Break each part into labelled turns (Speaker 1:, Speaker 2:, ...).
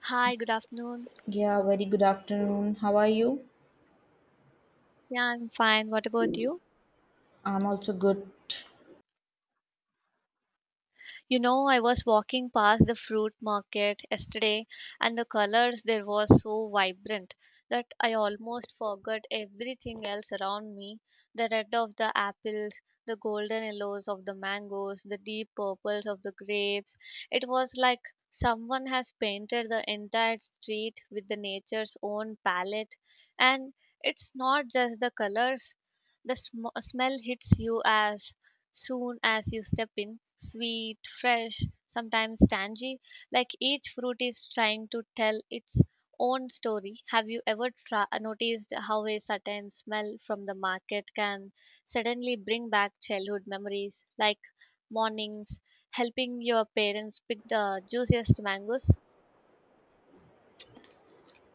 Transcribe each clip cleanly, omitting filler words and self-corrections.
Speaker 1: Hi, good afternoon.
Speaker 2: Yeah, very good afternoon. How are you?
Speaker 1: Yeah, I'm fine. What about you?
Speaker 2: I'm also good.
Speaker 1: You know, I was walking past the fruit market yesterday and the colors there were so vibrant that I almost forgot everything else around me. The red of the apples, the golden yellows of the mangoes, the deep purples of the grapes. It was like someone has painted the entire street with the nature's own palette, and it's not just the colors, the smell hits you as soon as you step in. Sweet, fresh, sometimes tangy, like each fruit is trying to tell its own story. Have you ever noticed how a certain smell from the market can suddenly bring back childhood memories, like mornings helping your parents pick the juiciest mangoes?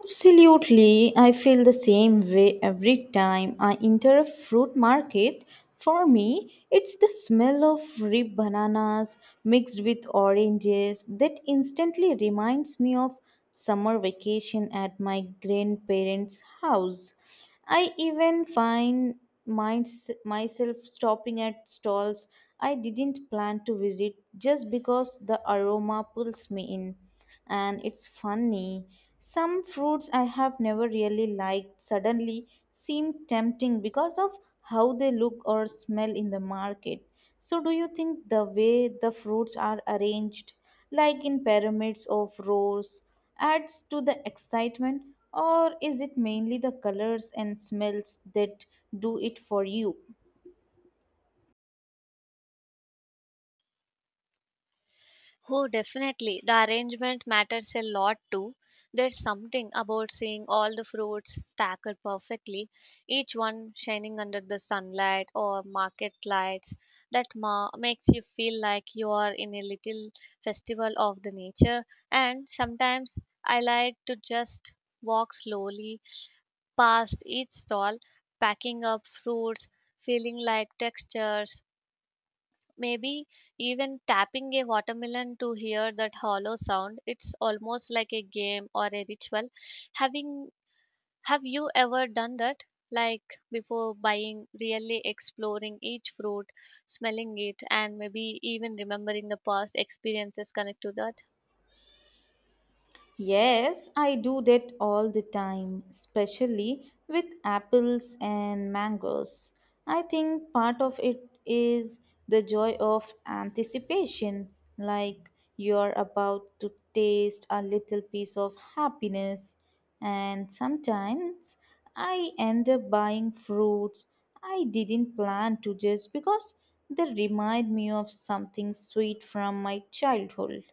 Speaker 2: Absolutely, I feel the same way every time I enter a fruit market. For me, it's the smell of ripe bananas mixed with oranges that instantly reminds me of summer vacation at my grandparents' house. I even find myself stopping at stalls I didn't plan to visit just because the aroma pulls me in. And it's funny, some fruits I have never really liked suddenly seem tempting because of how they look or smell in the market. So, do you think the way the fruits are arranged, like in pyramids of rows, adds to the excitement, or is it mainly the colors and smells that do it for you?
Speaker 1: Oh, definitely. The arrangement matters a lot too. There's something about seeing all the fruits stacked perfectly, each one shining under the sunlight or market lights, that makes you feel like you are in a little festival of the nature. And sometimes I like to just walk slowly past each stall, packing up fruits, feeling like textures, maybe even tapping a watermelon to hear that hollow sound. It's almost like a game or a ritual. Having Have you ever done that? Like before buying, really exploring each fruit, smelling it, and maybe even remembering the past experiences connected to that.
Speaker 2: Yes, I do that all the time, especially with apples and mangoes. I think part of it is the joy of anticipation, like you're about to taste a little piece of happiness. And sometimes I end up buying fruits I didn't plan to just because they remind me of something sweet from my childhood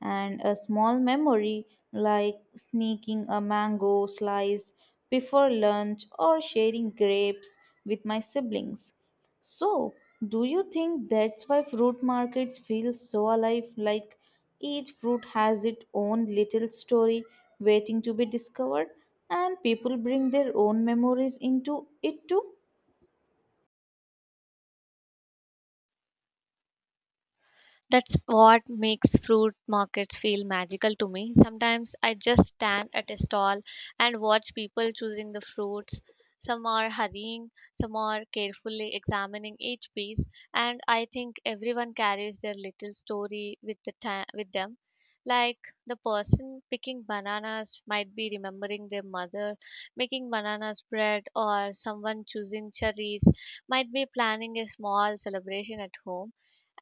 Speaker 2: and a small memory, like sneaking a mango slice before lunch or sharing grapes with my siblings. So, do you think that's why fruit markets feel so alive? Like each fruit has its own little story waiting to be discovered, and people bring their own memories into it too?
Speaker 1: That's what makes fruit markets feel magical to me. Sometimes I just stand at a stall and watch people choosing the fruits. Some are hurrying, some are carefully examining each piece, and I think everyone carries their little story with with them. Like the person picking bananas might be remembering their mother making bananas bread, or someone choosing cherries might be planning a small celebration at home.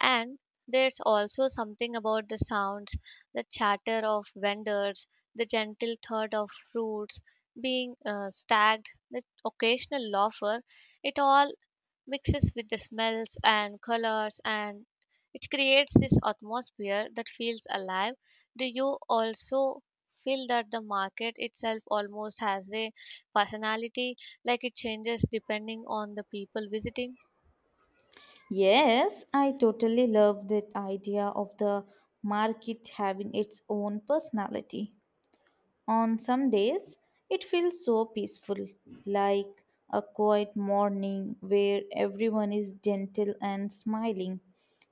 Speaker 1: And there's also something about the sounds, the chatter of vendors, the gentle thud of fruits being stacked, the occasional laughter. It all mixes with the smells and colors, and it creates this atmosphere that feels alive. Do you also feel that the market itself almost has a personality, like it changes depending on the people visiting?
Speaker 2: Yes, I totally love that idea of the market having its own personality. On some days, it feels so peaceful, like a quiet morning where everyone is gentle and smiling,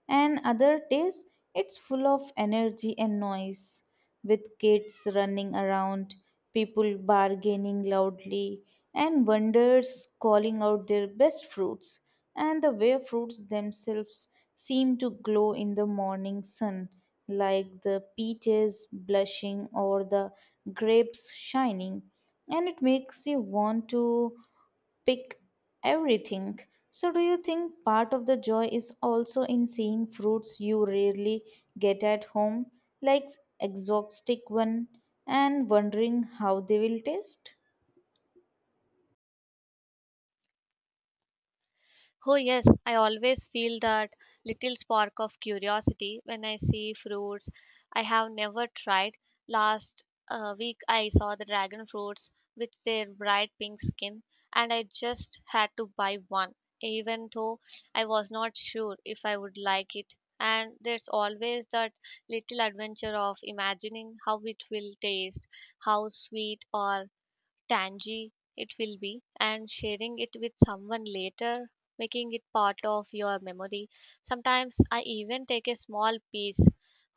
Speaker 2: and other days it's full of energy and noise, with kids running around, people bargaining loudly, and vendors calling out their best fruits. And the way fruits themselves seem to glow in the morning sun, like the peaches blushing or the grapes shining, and it makes you want to pick everything. So, do you think part of the joy is also in seeing fruits you rarely get at home, like exotic one, and wondering how they will taste?
Speaker 1: Oh, yes, I always feel that little spark of curiosity when I see fruits I have never tried. Last week, I saw the dragon fruits with their bright pink skin, and I just had to buy one, even though I was not sure if I would like it. And there's always that little adventure of imagining how it will taste, how sweet or tangy it will be, and sharing it with someone later, making it part of your memory. Sometimes I even take a small piece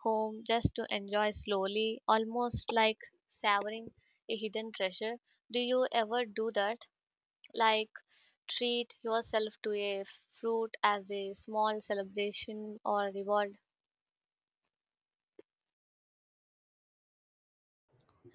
Speaker 1: home just to enjoy slowly, almost like savoring a hidden treasure. Do you ever do that, like treat yourself to a fruit as a small celebration or reward?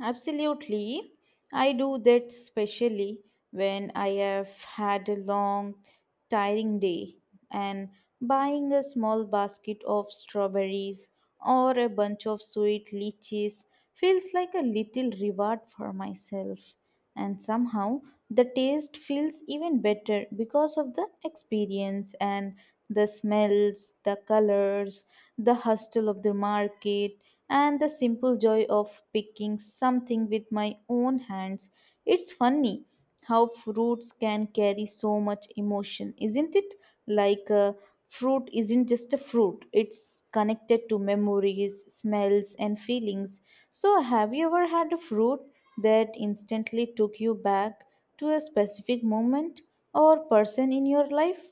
Speaker 2: Absolutely. I do that especially when I have had a long, tiring day, and buying a small basket of strawberries or a bunch of sweet lychees feels like a little reward for myself. And somehow the taste feels even better because of the experience and the smells, the colors, the hustle of the market, and the simple joy of picking something with my own hands. It's funny how fruits can carry so much emotion, isn't it? Like a fruit isn't just a fruit, it's connected to memories, smells, and feelings. So have you ever had a fruit that instantly took you back to a specific moment or person in your life?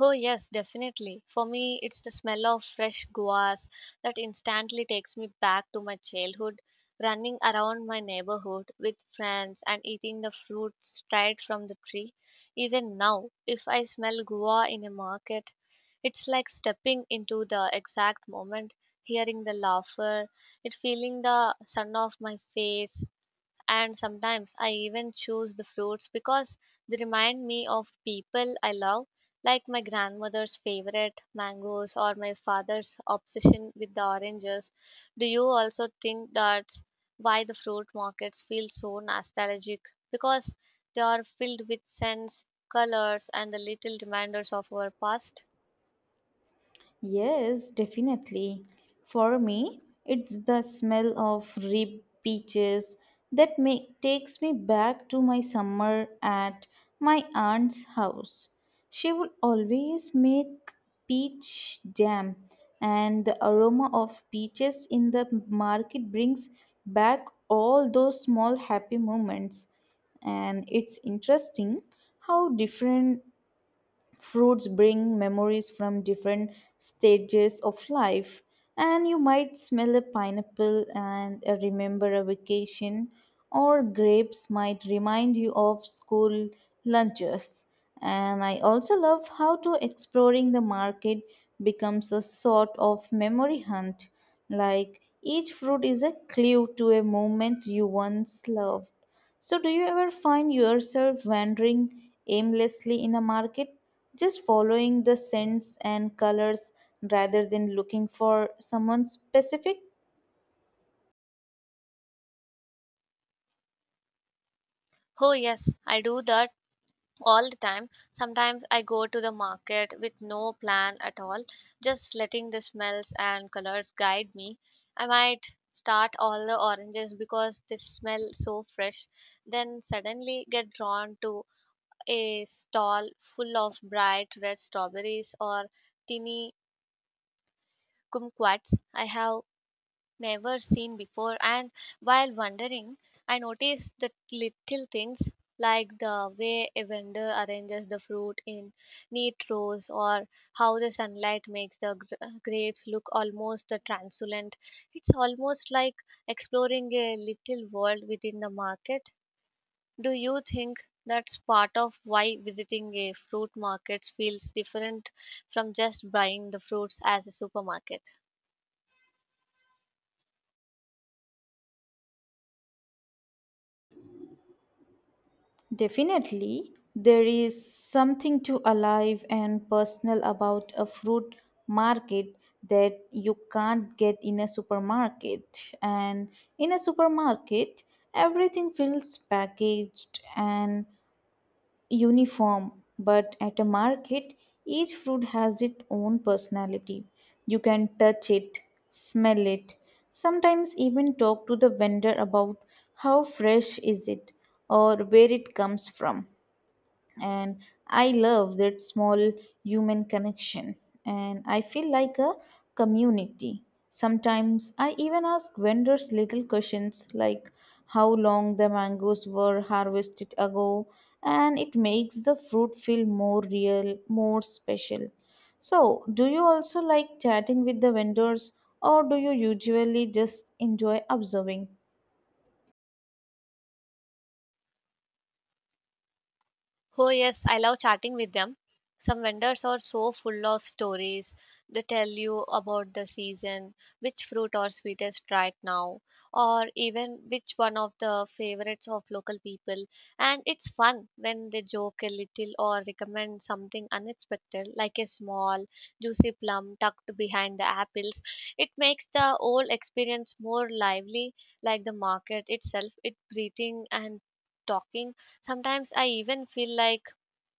Speaker 1: Oh, yes, definitely. For me, it's the smell of fresh guavas that instantly takes me back to my childhood, running around my neighborhood with friends and eating the fruit straight from the tree. Even now, if I smell guava in a market, it's like stepping into the exact moment, hearing the laughter, it feeling the sun off my face, and sometimes I even choose the fruits because they remind me of people I love, like my grandmother's favorite mangoes or my father's obsession with the oranges. Do you also think that's why the fruit markets feel so nostalgic? Because they are filled with scents, colors, and the little reminders of our past.
Speaker 2: Yes, definitely. For me, it's the smell of ripe peaches that make takes me back to my summer at my aunt's house. She would always make peach jam, and the aroma of peaches in the market brings back all those small happy moments. And it's interesting how different fruits bring memories from different stages of life. And you might smell a pineapple and remember a vacation, or grapes might remind you of school lunches. And I also love how to exploring the market becomes a sort of memory hunt, like each fruit is a clue to a moment you once loved. So, do you ever find yourself wandering aimlessly in a market, just following the scents and colors rather than looking for someone specific?
Speaker 1: Oh, yes, I do that all the time. Sometimes I go to the market with no plan at all, just letting the smells and colors guide me. I might start all the oranges because they smell so fresh, then suddenly get drawn to a stall full of bright red strawberries or teeny kumquats I have never seen before. And while wandering, I noticed the little things like the way a vendor arranges the fruit in neat rows or how the sunlight makes the grapes look almost the translucent. It's almost like exploring a little world within the market. Do you think that's part of why visiting a fruit market feels different from just buying the fruits as a supermarket?
Speaker 2: Definitely, there is something too alive and personal about a fruit market that you can't get in a supermarket. And in a supermarket, everything feels packaged and uniform, but at a market, each fruit has its own personality. You can touch it, smell it, sometimes even talk to the vendor about how fresh is it or where it comes from. And I love that small human connection, and I feel like a community. Sometimes I even ask vendors little questions, like how long the mangoes were harvested ago, and it makes the fruit feel more real, more special. So, do you also like chatting with the vendors, or do you usually just enjoy observing?
Speaker 1: Oh, yes, I love chatting with them. Some vendors are so full of stories. They tell you about the season, which fruit are sweetest right now, or even which one of the favorites of local people. And it's fun when they joke a little or recommend something unexpected, like a small, juicy plum tucked behind the apples. It makes the whole experience more lively, like the market itself. It's breathing and talking. Sometimes I even feel like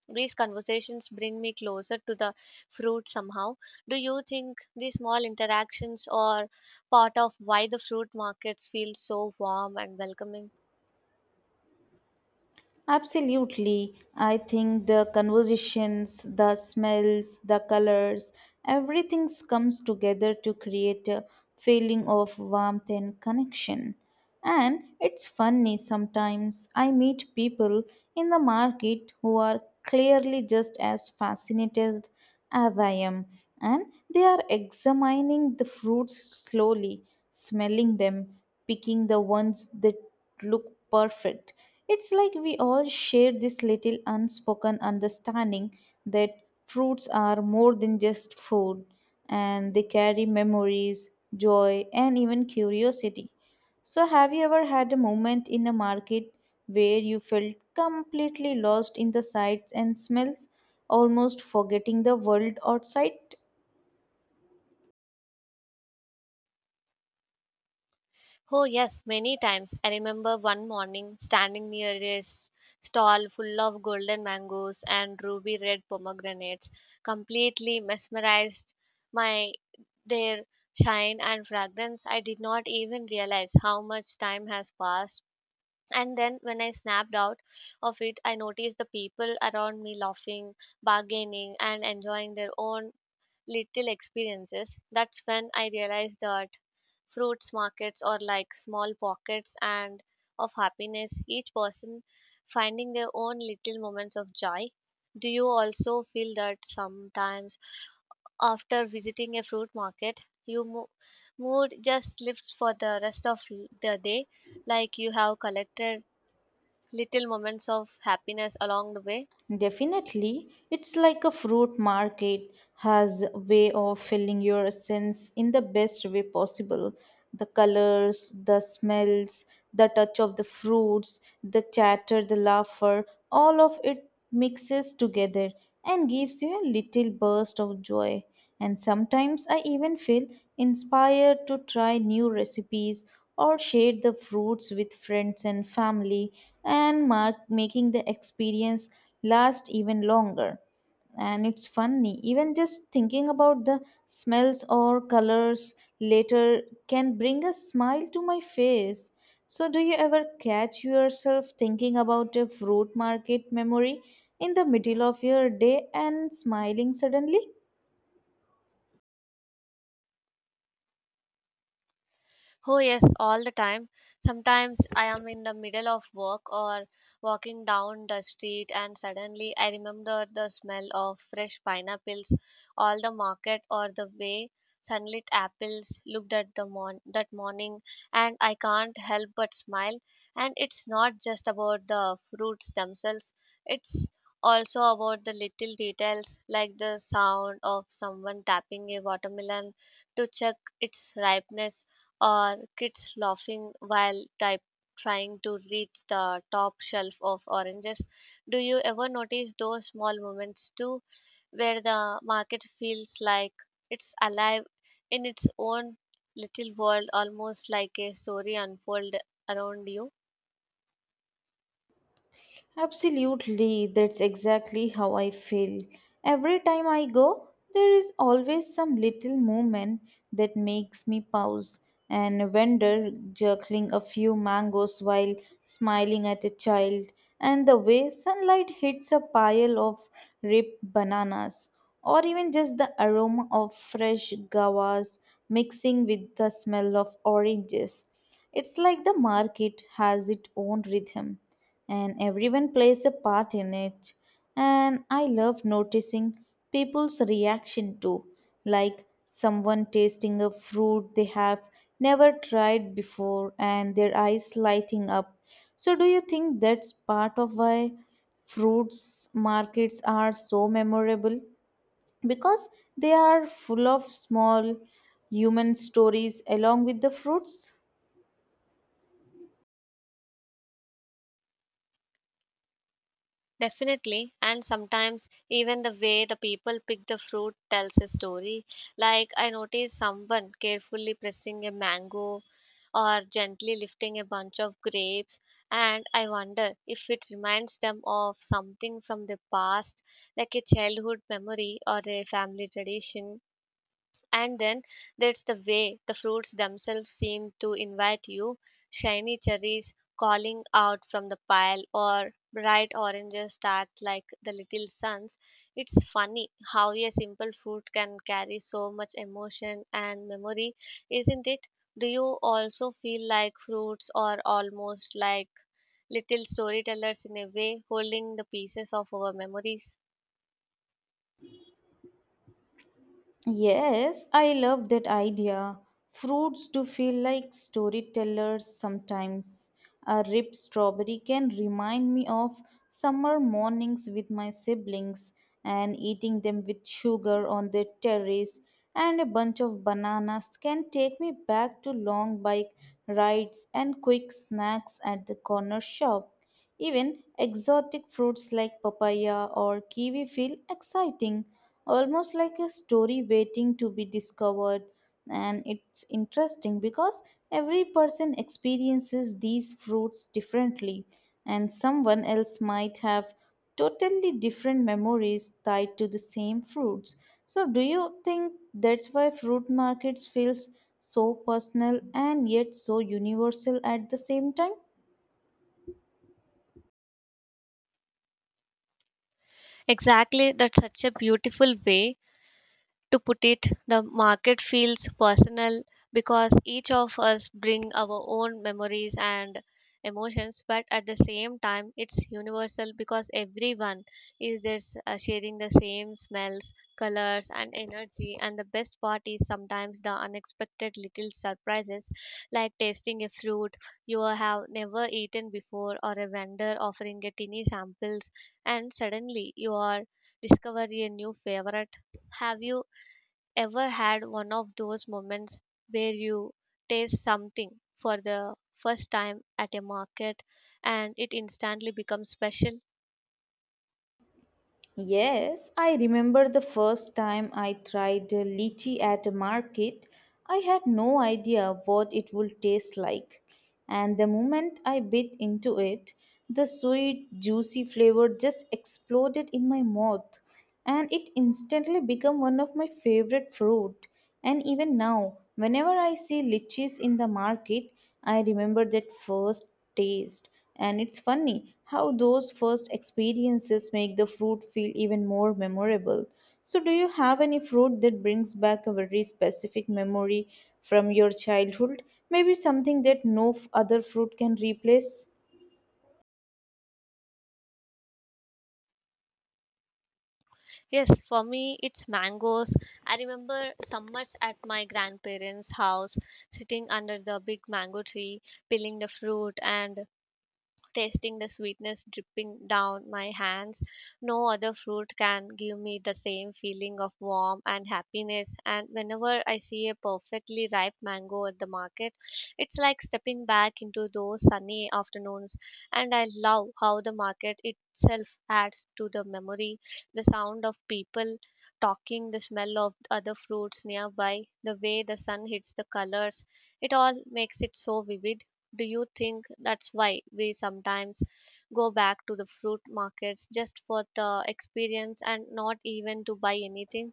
Speaker 1: these conversations bring me closer to the fruit somehow. Do you think these small interactions are part of why the fruit markets feel so warm and welcoming?
Speaker 2: Absolutely. I think the conversations, the smells, the colors, everything comes together to create a feeling of warmth and connection. And it's funny, sometimes I meet people in the market who are clearly just as fascinated as I am, and they are examining the fruits slowly, smelling them, picking the ones that look perfect. It's like we all share this little unspoken understanding that fruits are more than just food, and they carry memories, joy, and even curiosity. So, have you ever had a moment in a market where you felt completely lost in the sights and smells, almost forgetting the world outside?
Speaker 1: Oh, yes, many times. I remember one morning standing near a stall full of golden mangoes and ruby red pomegranates, completely mesmerized by their shine and fragrance. I did not even realize how much time has passed. And then when I snapped out of it, I noticed the people around me laughing, bargaining, and enjoying their own little experiences. That's when I realized that fruits markets are like small pockets and of happiness, each person finding their own little moments of joy. Do you also feel that sometimes after visiting a fruit market, your mood just lifts for the rest of the day, like you have collected little moments of happiness along the way.
Speaker 2: Definitely, it's like a fruit market has a way of filling your sense in the best way possible. The colors, the smells, the touch of the fruits, the chatter, the laughter, all of it mixes together and gives you a little burst of joy. And sometimes I even feel inspired to try new recipes or share the fruits with friends and family, and mark making the experience last even longer. And it's funny, even just thinking about the smells or colors later can bring a smile to my face. So, do you ever catch yourself thinking about a fruit market memory in the middle of your day and smiling suddenly?
Speaker 1: Oh, yes, all the time. Sometimes I am in the middle of work or walking down the street, and suddenly I remember the smell of fresh pineapples, all the market, or the way sunlit apples looked at the that morning, and I can't help but smile. And it's not just about the fruits themselves, it's also about the little details like the sound of someone tapping a watermelon to check its ripeness, or kids laughing while type trying to reach the top shelf of oranges. Do you ever notice those small moments too, where the market feels like it's alive in its own little world, almost like a story unfold around you?
Speaker 2: Absolutely, that's exactly how I feel. Every time I go, there is always some little movement that makes me pause. And a vendor jerking a few mangoes while smiling at a child, and the way sunlight hits a pile of ripe bananas, or even just the aroma of fresh guavas mixing with the smell of oranges. It's like the market has its own rhythm and everyone plays a part in it. And I love noticing people's reaction too, like someone tasting a fruit they have never tried before and their eyes lighting up. So do you think that's part of why fruits markets are so memorable, because they are full of small human stories along with the fruits?
Speaker 1: Definitely, and sometimes even the way the people pick the fruit tells a story. Like, I noticed someone carefully pressing a mango or gently lifting a bunch of grapes, and I wonder if it reminds them of something from the past, like a childhood memory or a family tradition. And then there's the way the fruits themselves seem to invite you, shiny cherries calling out from the pile, or bright oranges that like the little suns. It's funny how a simple fruit can carry so much emotion and memory, isn't it? Do you also feel like fruits are almost like little storytellers in a way, holding the pieces of our memories?
Speaker 2: Yes, I love that idea. Fruits do feel like storytellers sometimes. A ripe strawberry can remind me of summer mornings with my siblings and eating them with sugar on the terrace, and a bunch of bananas can take me back to long bike rides and quick snacks at the corner shop. Even exotic fruits like papaya or kiwi feel exciting, almost like a story waiting to be discovered. And it's interesting because every person experiences these fruits differently, and someone else might have totally different memories tied to the same fruits. So, do you think that's why fruit markets feels so personal and yet so universal at the same time?
Speaker 1: Exactly, that's such a beautiful way to put it. The market feels personal because each of us bring our own memories and emotions, but at the same time it's universal because everyone is there sharing the same smells, colors, and energy. And the best part is sometimes the unexpected little surprises, like tasting a fruit you have never eaten before or a vendor offering a tiny samples, and suddenly you are discovering a new favorite. Have you ever had one of those moments where you taste something for the first time at a market and it instantly becomes special?
Speaker 2: Yes, I remember the first time I tried lychee at a market. I had no idea what it would taste like. And the moment I bit into it, the sweet, juicy flavor just exploded in my mouth. And it instantly became one of my favorite fruit. And even now, whenever I see lychees in the market, I remember that first taste. And it's funny how those first experiences make the fruit feel even more memorable. So, do you have any fruit that brings back a very specific memory from your childhood? Maybe something that no other fruit can replace?
Speaker 1: Yes, for me, it's mangoes. I remember summers at my grandparents' house, sitting under the big mango tree, peeling the fruit and tasting the sweetness dripping down my hands. No other fruit can give me the same feeling of warmth and happiness. And whenever I see a perfectly ripe mango at the market, it's like stepping back into those sunny afternoons. And I love how the market itself adds to the memory, the sound of people talking, the smell of other fruits nearby, the way the sun hits the colors. It all makes it so vivid. Do you think that's why we sometimes go back to the fruit markets just for the experience and not even to buy anything?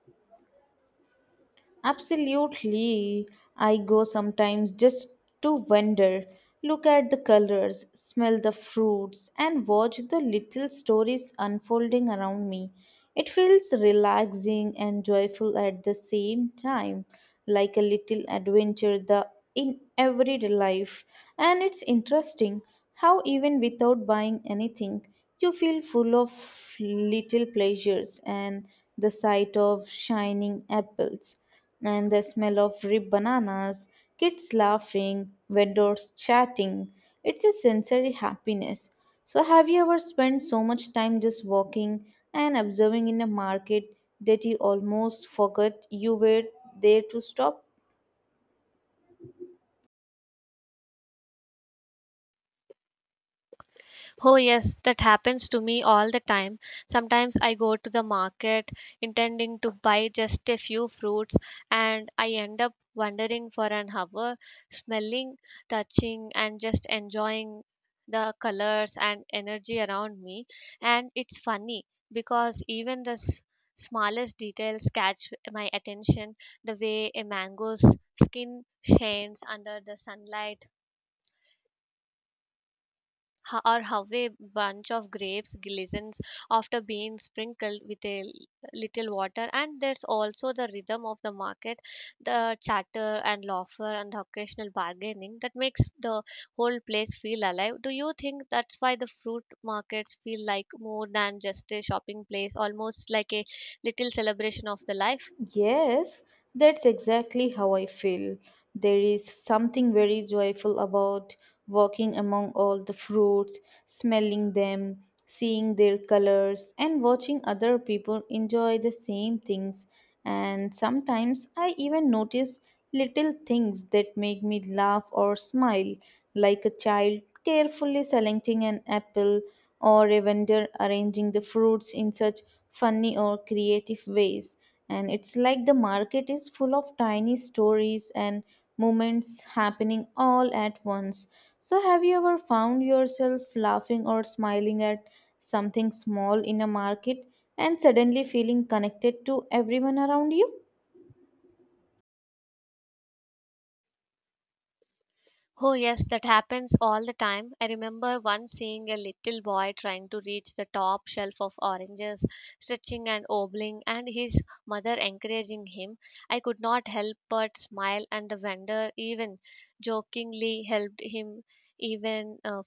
Speaker 2: Absolutely. I go sometimes just to wander, look at the colors, smell the fruits, and watch the little stories unfolding around me. It feels relaxing and joyful at the same time, like a little adventure the in everyday life. And it's interesting how even without buying anything, you feel full of little pleasures, and the sight of shining apples and the smell of ripe bananas, kids laughing, vendors chatting. It's a sensory happiness. So, have you ever spent so much time just walking and observing in a market that you almost forgot you were there to stop?
Speaker 1: Oh, yes, that happens to me all the time. Sometimes I go to the market intending to buy just a few fruits, and I end up wandering for an hour, smelling, touching, and just enjoying the colors and energy around me. And it's funny because even the smallest details catch my attention, the way a mango's skin shines under the sunlight, or how a bunch of grapes glistens after being sprinkled with a little water. And there's also the rhythm of the market, the chatter and laughter and the occasional bargaining that makes the whole place feel alive. Do you think that's why the fruit markets feel like more than just a shopping place, almost like a little celebration of the life?
Speaker 2: Yes, that's exactly how I feel. There is something very joyful about walking among all the fruits, smelling them, seeing their colors, and watching other people enjoy the same things. And sometimes I even notice little things that make me laugh or smile, like a child carefully selecting an apple or a vendor arranging the fruits in such funny or creative ways. And it's like the market is full of tiny stories and moments happening all at once. So, have you ever found yourself laughing or smiling at something small in a market and suddenly feeling connected to everyone around you?
Speaker 1: Oh, yes, that happens all the time. I remember once seeing a little boy trying to reach the top shelf of oranges, stretching and obbling, and his mother encouraging him. I could not help but smile, and the vendor even jokingly helped him even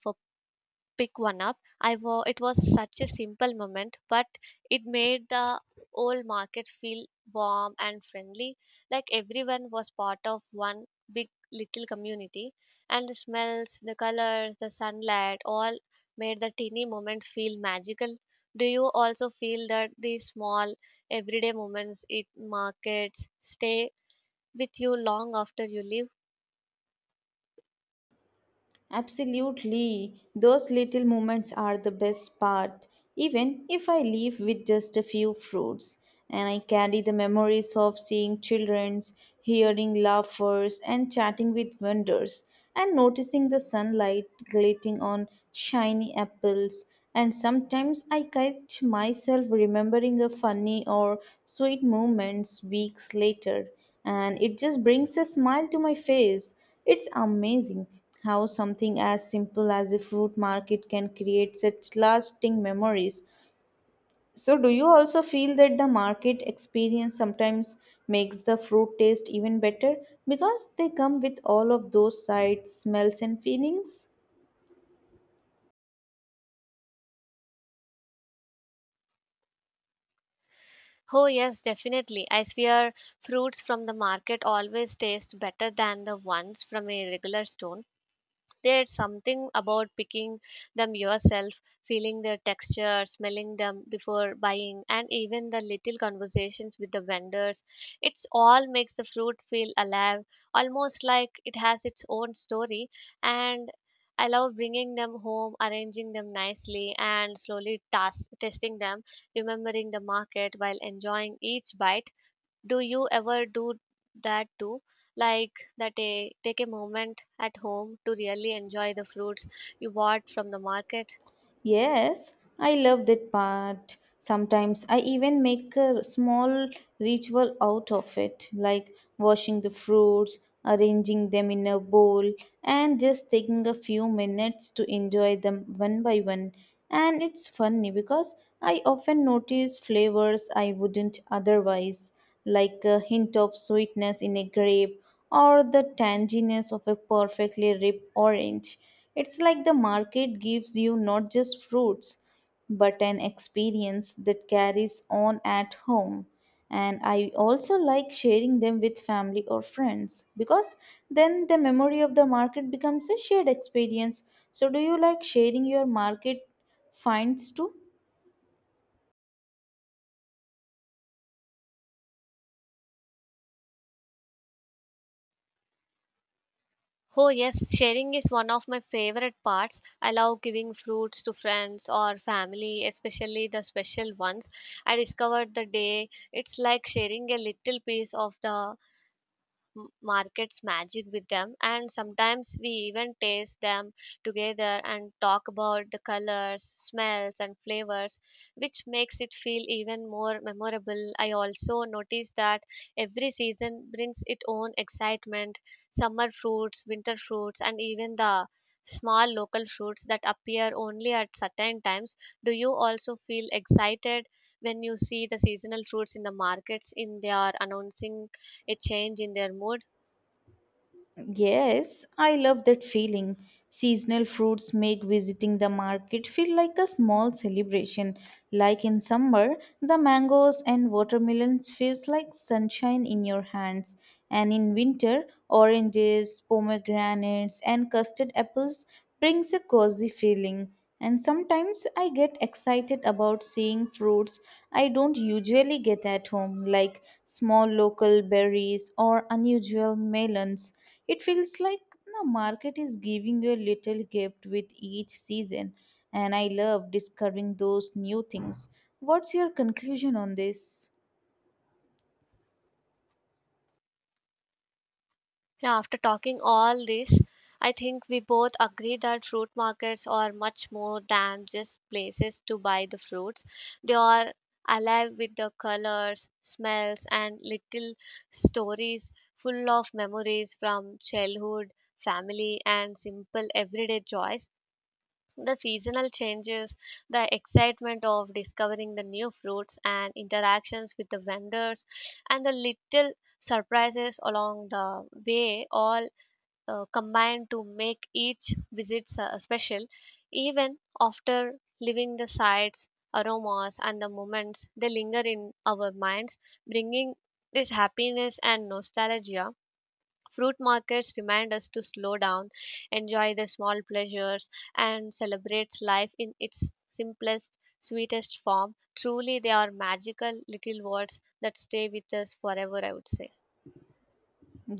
Speaker 1: pick one up. It was such a simple moment, but it made the old market feel warm and friendly, like everyone was part of one big little community. And the smells, the colors, the sunlight, all made the teeny moment feel magical. Do you also feel that these small everyday moments in markets stay with you long after you leave?
Speaker 2: Absolutely. Those little moments are the best part, even if I leave with just a few fruits. And I carry the memories of seeing children's, hearing laughers, and chatting with vendors, and noticing the sunlight glinting on shiny apples. And sometimes I catch myself remembering a funny or sweet moments weeks later, and it just brings a smile to my face. It's amazing how something as simple as a fruit market can create such lasting memories. So, do you also feel that the market experience sometimes makes the fruit taste even better because they come with all of those sights, smells, and feelings?
Speaker 1: Oh, yes, definitely. I swear fruits from the market always taste better than the ones from a regular store. There's something about picking them yourself, feeling their texture, smelling them before buying, and even the little conversations with the vendors. It's all makes the fruit feel alive, almost like it has its own story. And I love bringing them home, arranging them nicely, and slowly testing them, remembering the market while enjoying each bite. Do you ever do that too, like take a moment at home to really enjoy the fruits you bought from the market?
Speaker 2: Yes, I love that part. Sometimes I even make a small ritual out of it, like washing the fruits, arranging them in a bowl, and just taking a few minutes to enjoy them one by one. And it's funny because I often notice flavors I wouldn't otherwise, like a hint of sweetness in a grape or the tanginess of a perfectly ripe orange. It's like the market gives you not just fruits, but an experience that carries on at home. And I also like sharing them with family or friends, because then the memory of the market becomes a shared experience. So, do you like sharing your market finds too?
Speaker 1: Oh, yes, sharing is one of my favorite parts. I love giving fruits to friends or family, especially the special ones I discovered the day. It's like sharing a little piece of the markets magic with them, and sometimes we even taste them together and talk about the colors, smells, and flavors, which makes it feel even more memorable. I also notice that every season brings its own excitement, summer fruits, winter fruits, and even the small local fruits that appear only at certain times. Do you also feel excited when you see the seasonal fruits in the markets in they are announcing a change in their mood?
Speaker 2: Yes, I love that feeling. Seasonal fruits make visiting the market feel like a small celebration. Like in summer, the mangoes and watermelons feels like sunshine in your hands, and in winter, oranges, pomegranates, and custard apples brings a cozy feeling. And sometimes I get excited about seeing fruits I don't usually get at home, like small local berries or unusual melons. It feels like the market is giving you a little gift with each season, and I love discovering those new things. What's your conclusion on this?
Speaker 1: Yeah, after talking all this, I think we both agree that fruit markets are much more than just places to buy the fruits. They are alive with the colors, smells, and little stories, full of memories from childhood, family, and simple everyday joys. The seasonal changes, the excitement of discovering the new fruits, and interactions with the vendors, and the little surprises along the way all combined to make each visit special. Even after leaving the sights, aromas, and the moments, they linger in our minds, bringing this happiness and nostalgia. Fruit markets remind us to slow down, enjoy the small pleasures, and celebrate life in its simplest, sweetest form. Truly, they are magical little words that stay with us forever, I would say.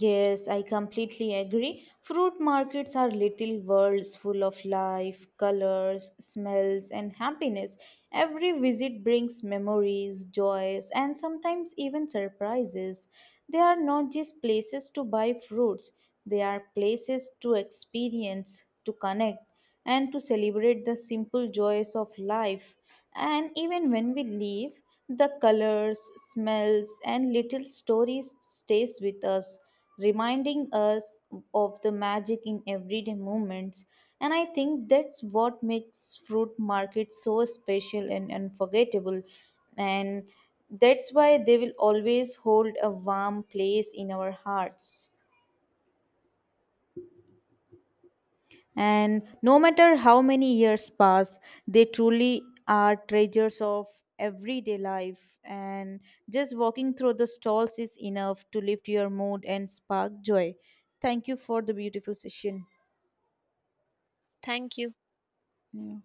Speaker 2: Yes, I completely agree. Fruit markets are little worlds full of life, colors, smells, and happiness. Every visit brings memories, joys, and sometimes even surprises. They are not just places to buy fruits, they are places to experience, to connect, and to celebrate the simple joys of life. And even when we leave, the colors, smells, and little stories stays with us, reminding us of the magic in everyday moments. And I think that's what makes fruit markets so special and unforgettable. And that's why they will always hold a warm place in our hearts. And no matter how many years pass, they truly are treasures of everyday life. And just walking through the stalls is enough to lift your mood and spark joy. Thank you for the beautiful session.
Speaker 1: Thank you.
Speaker 2: Yeah.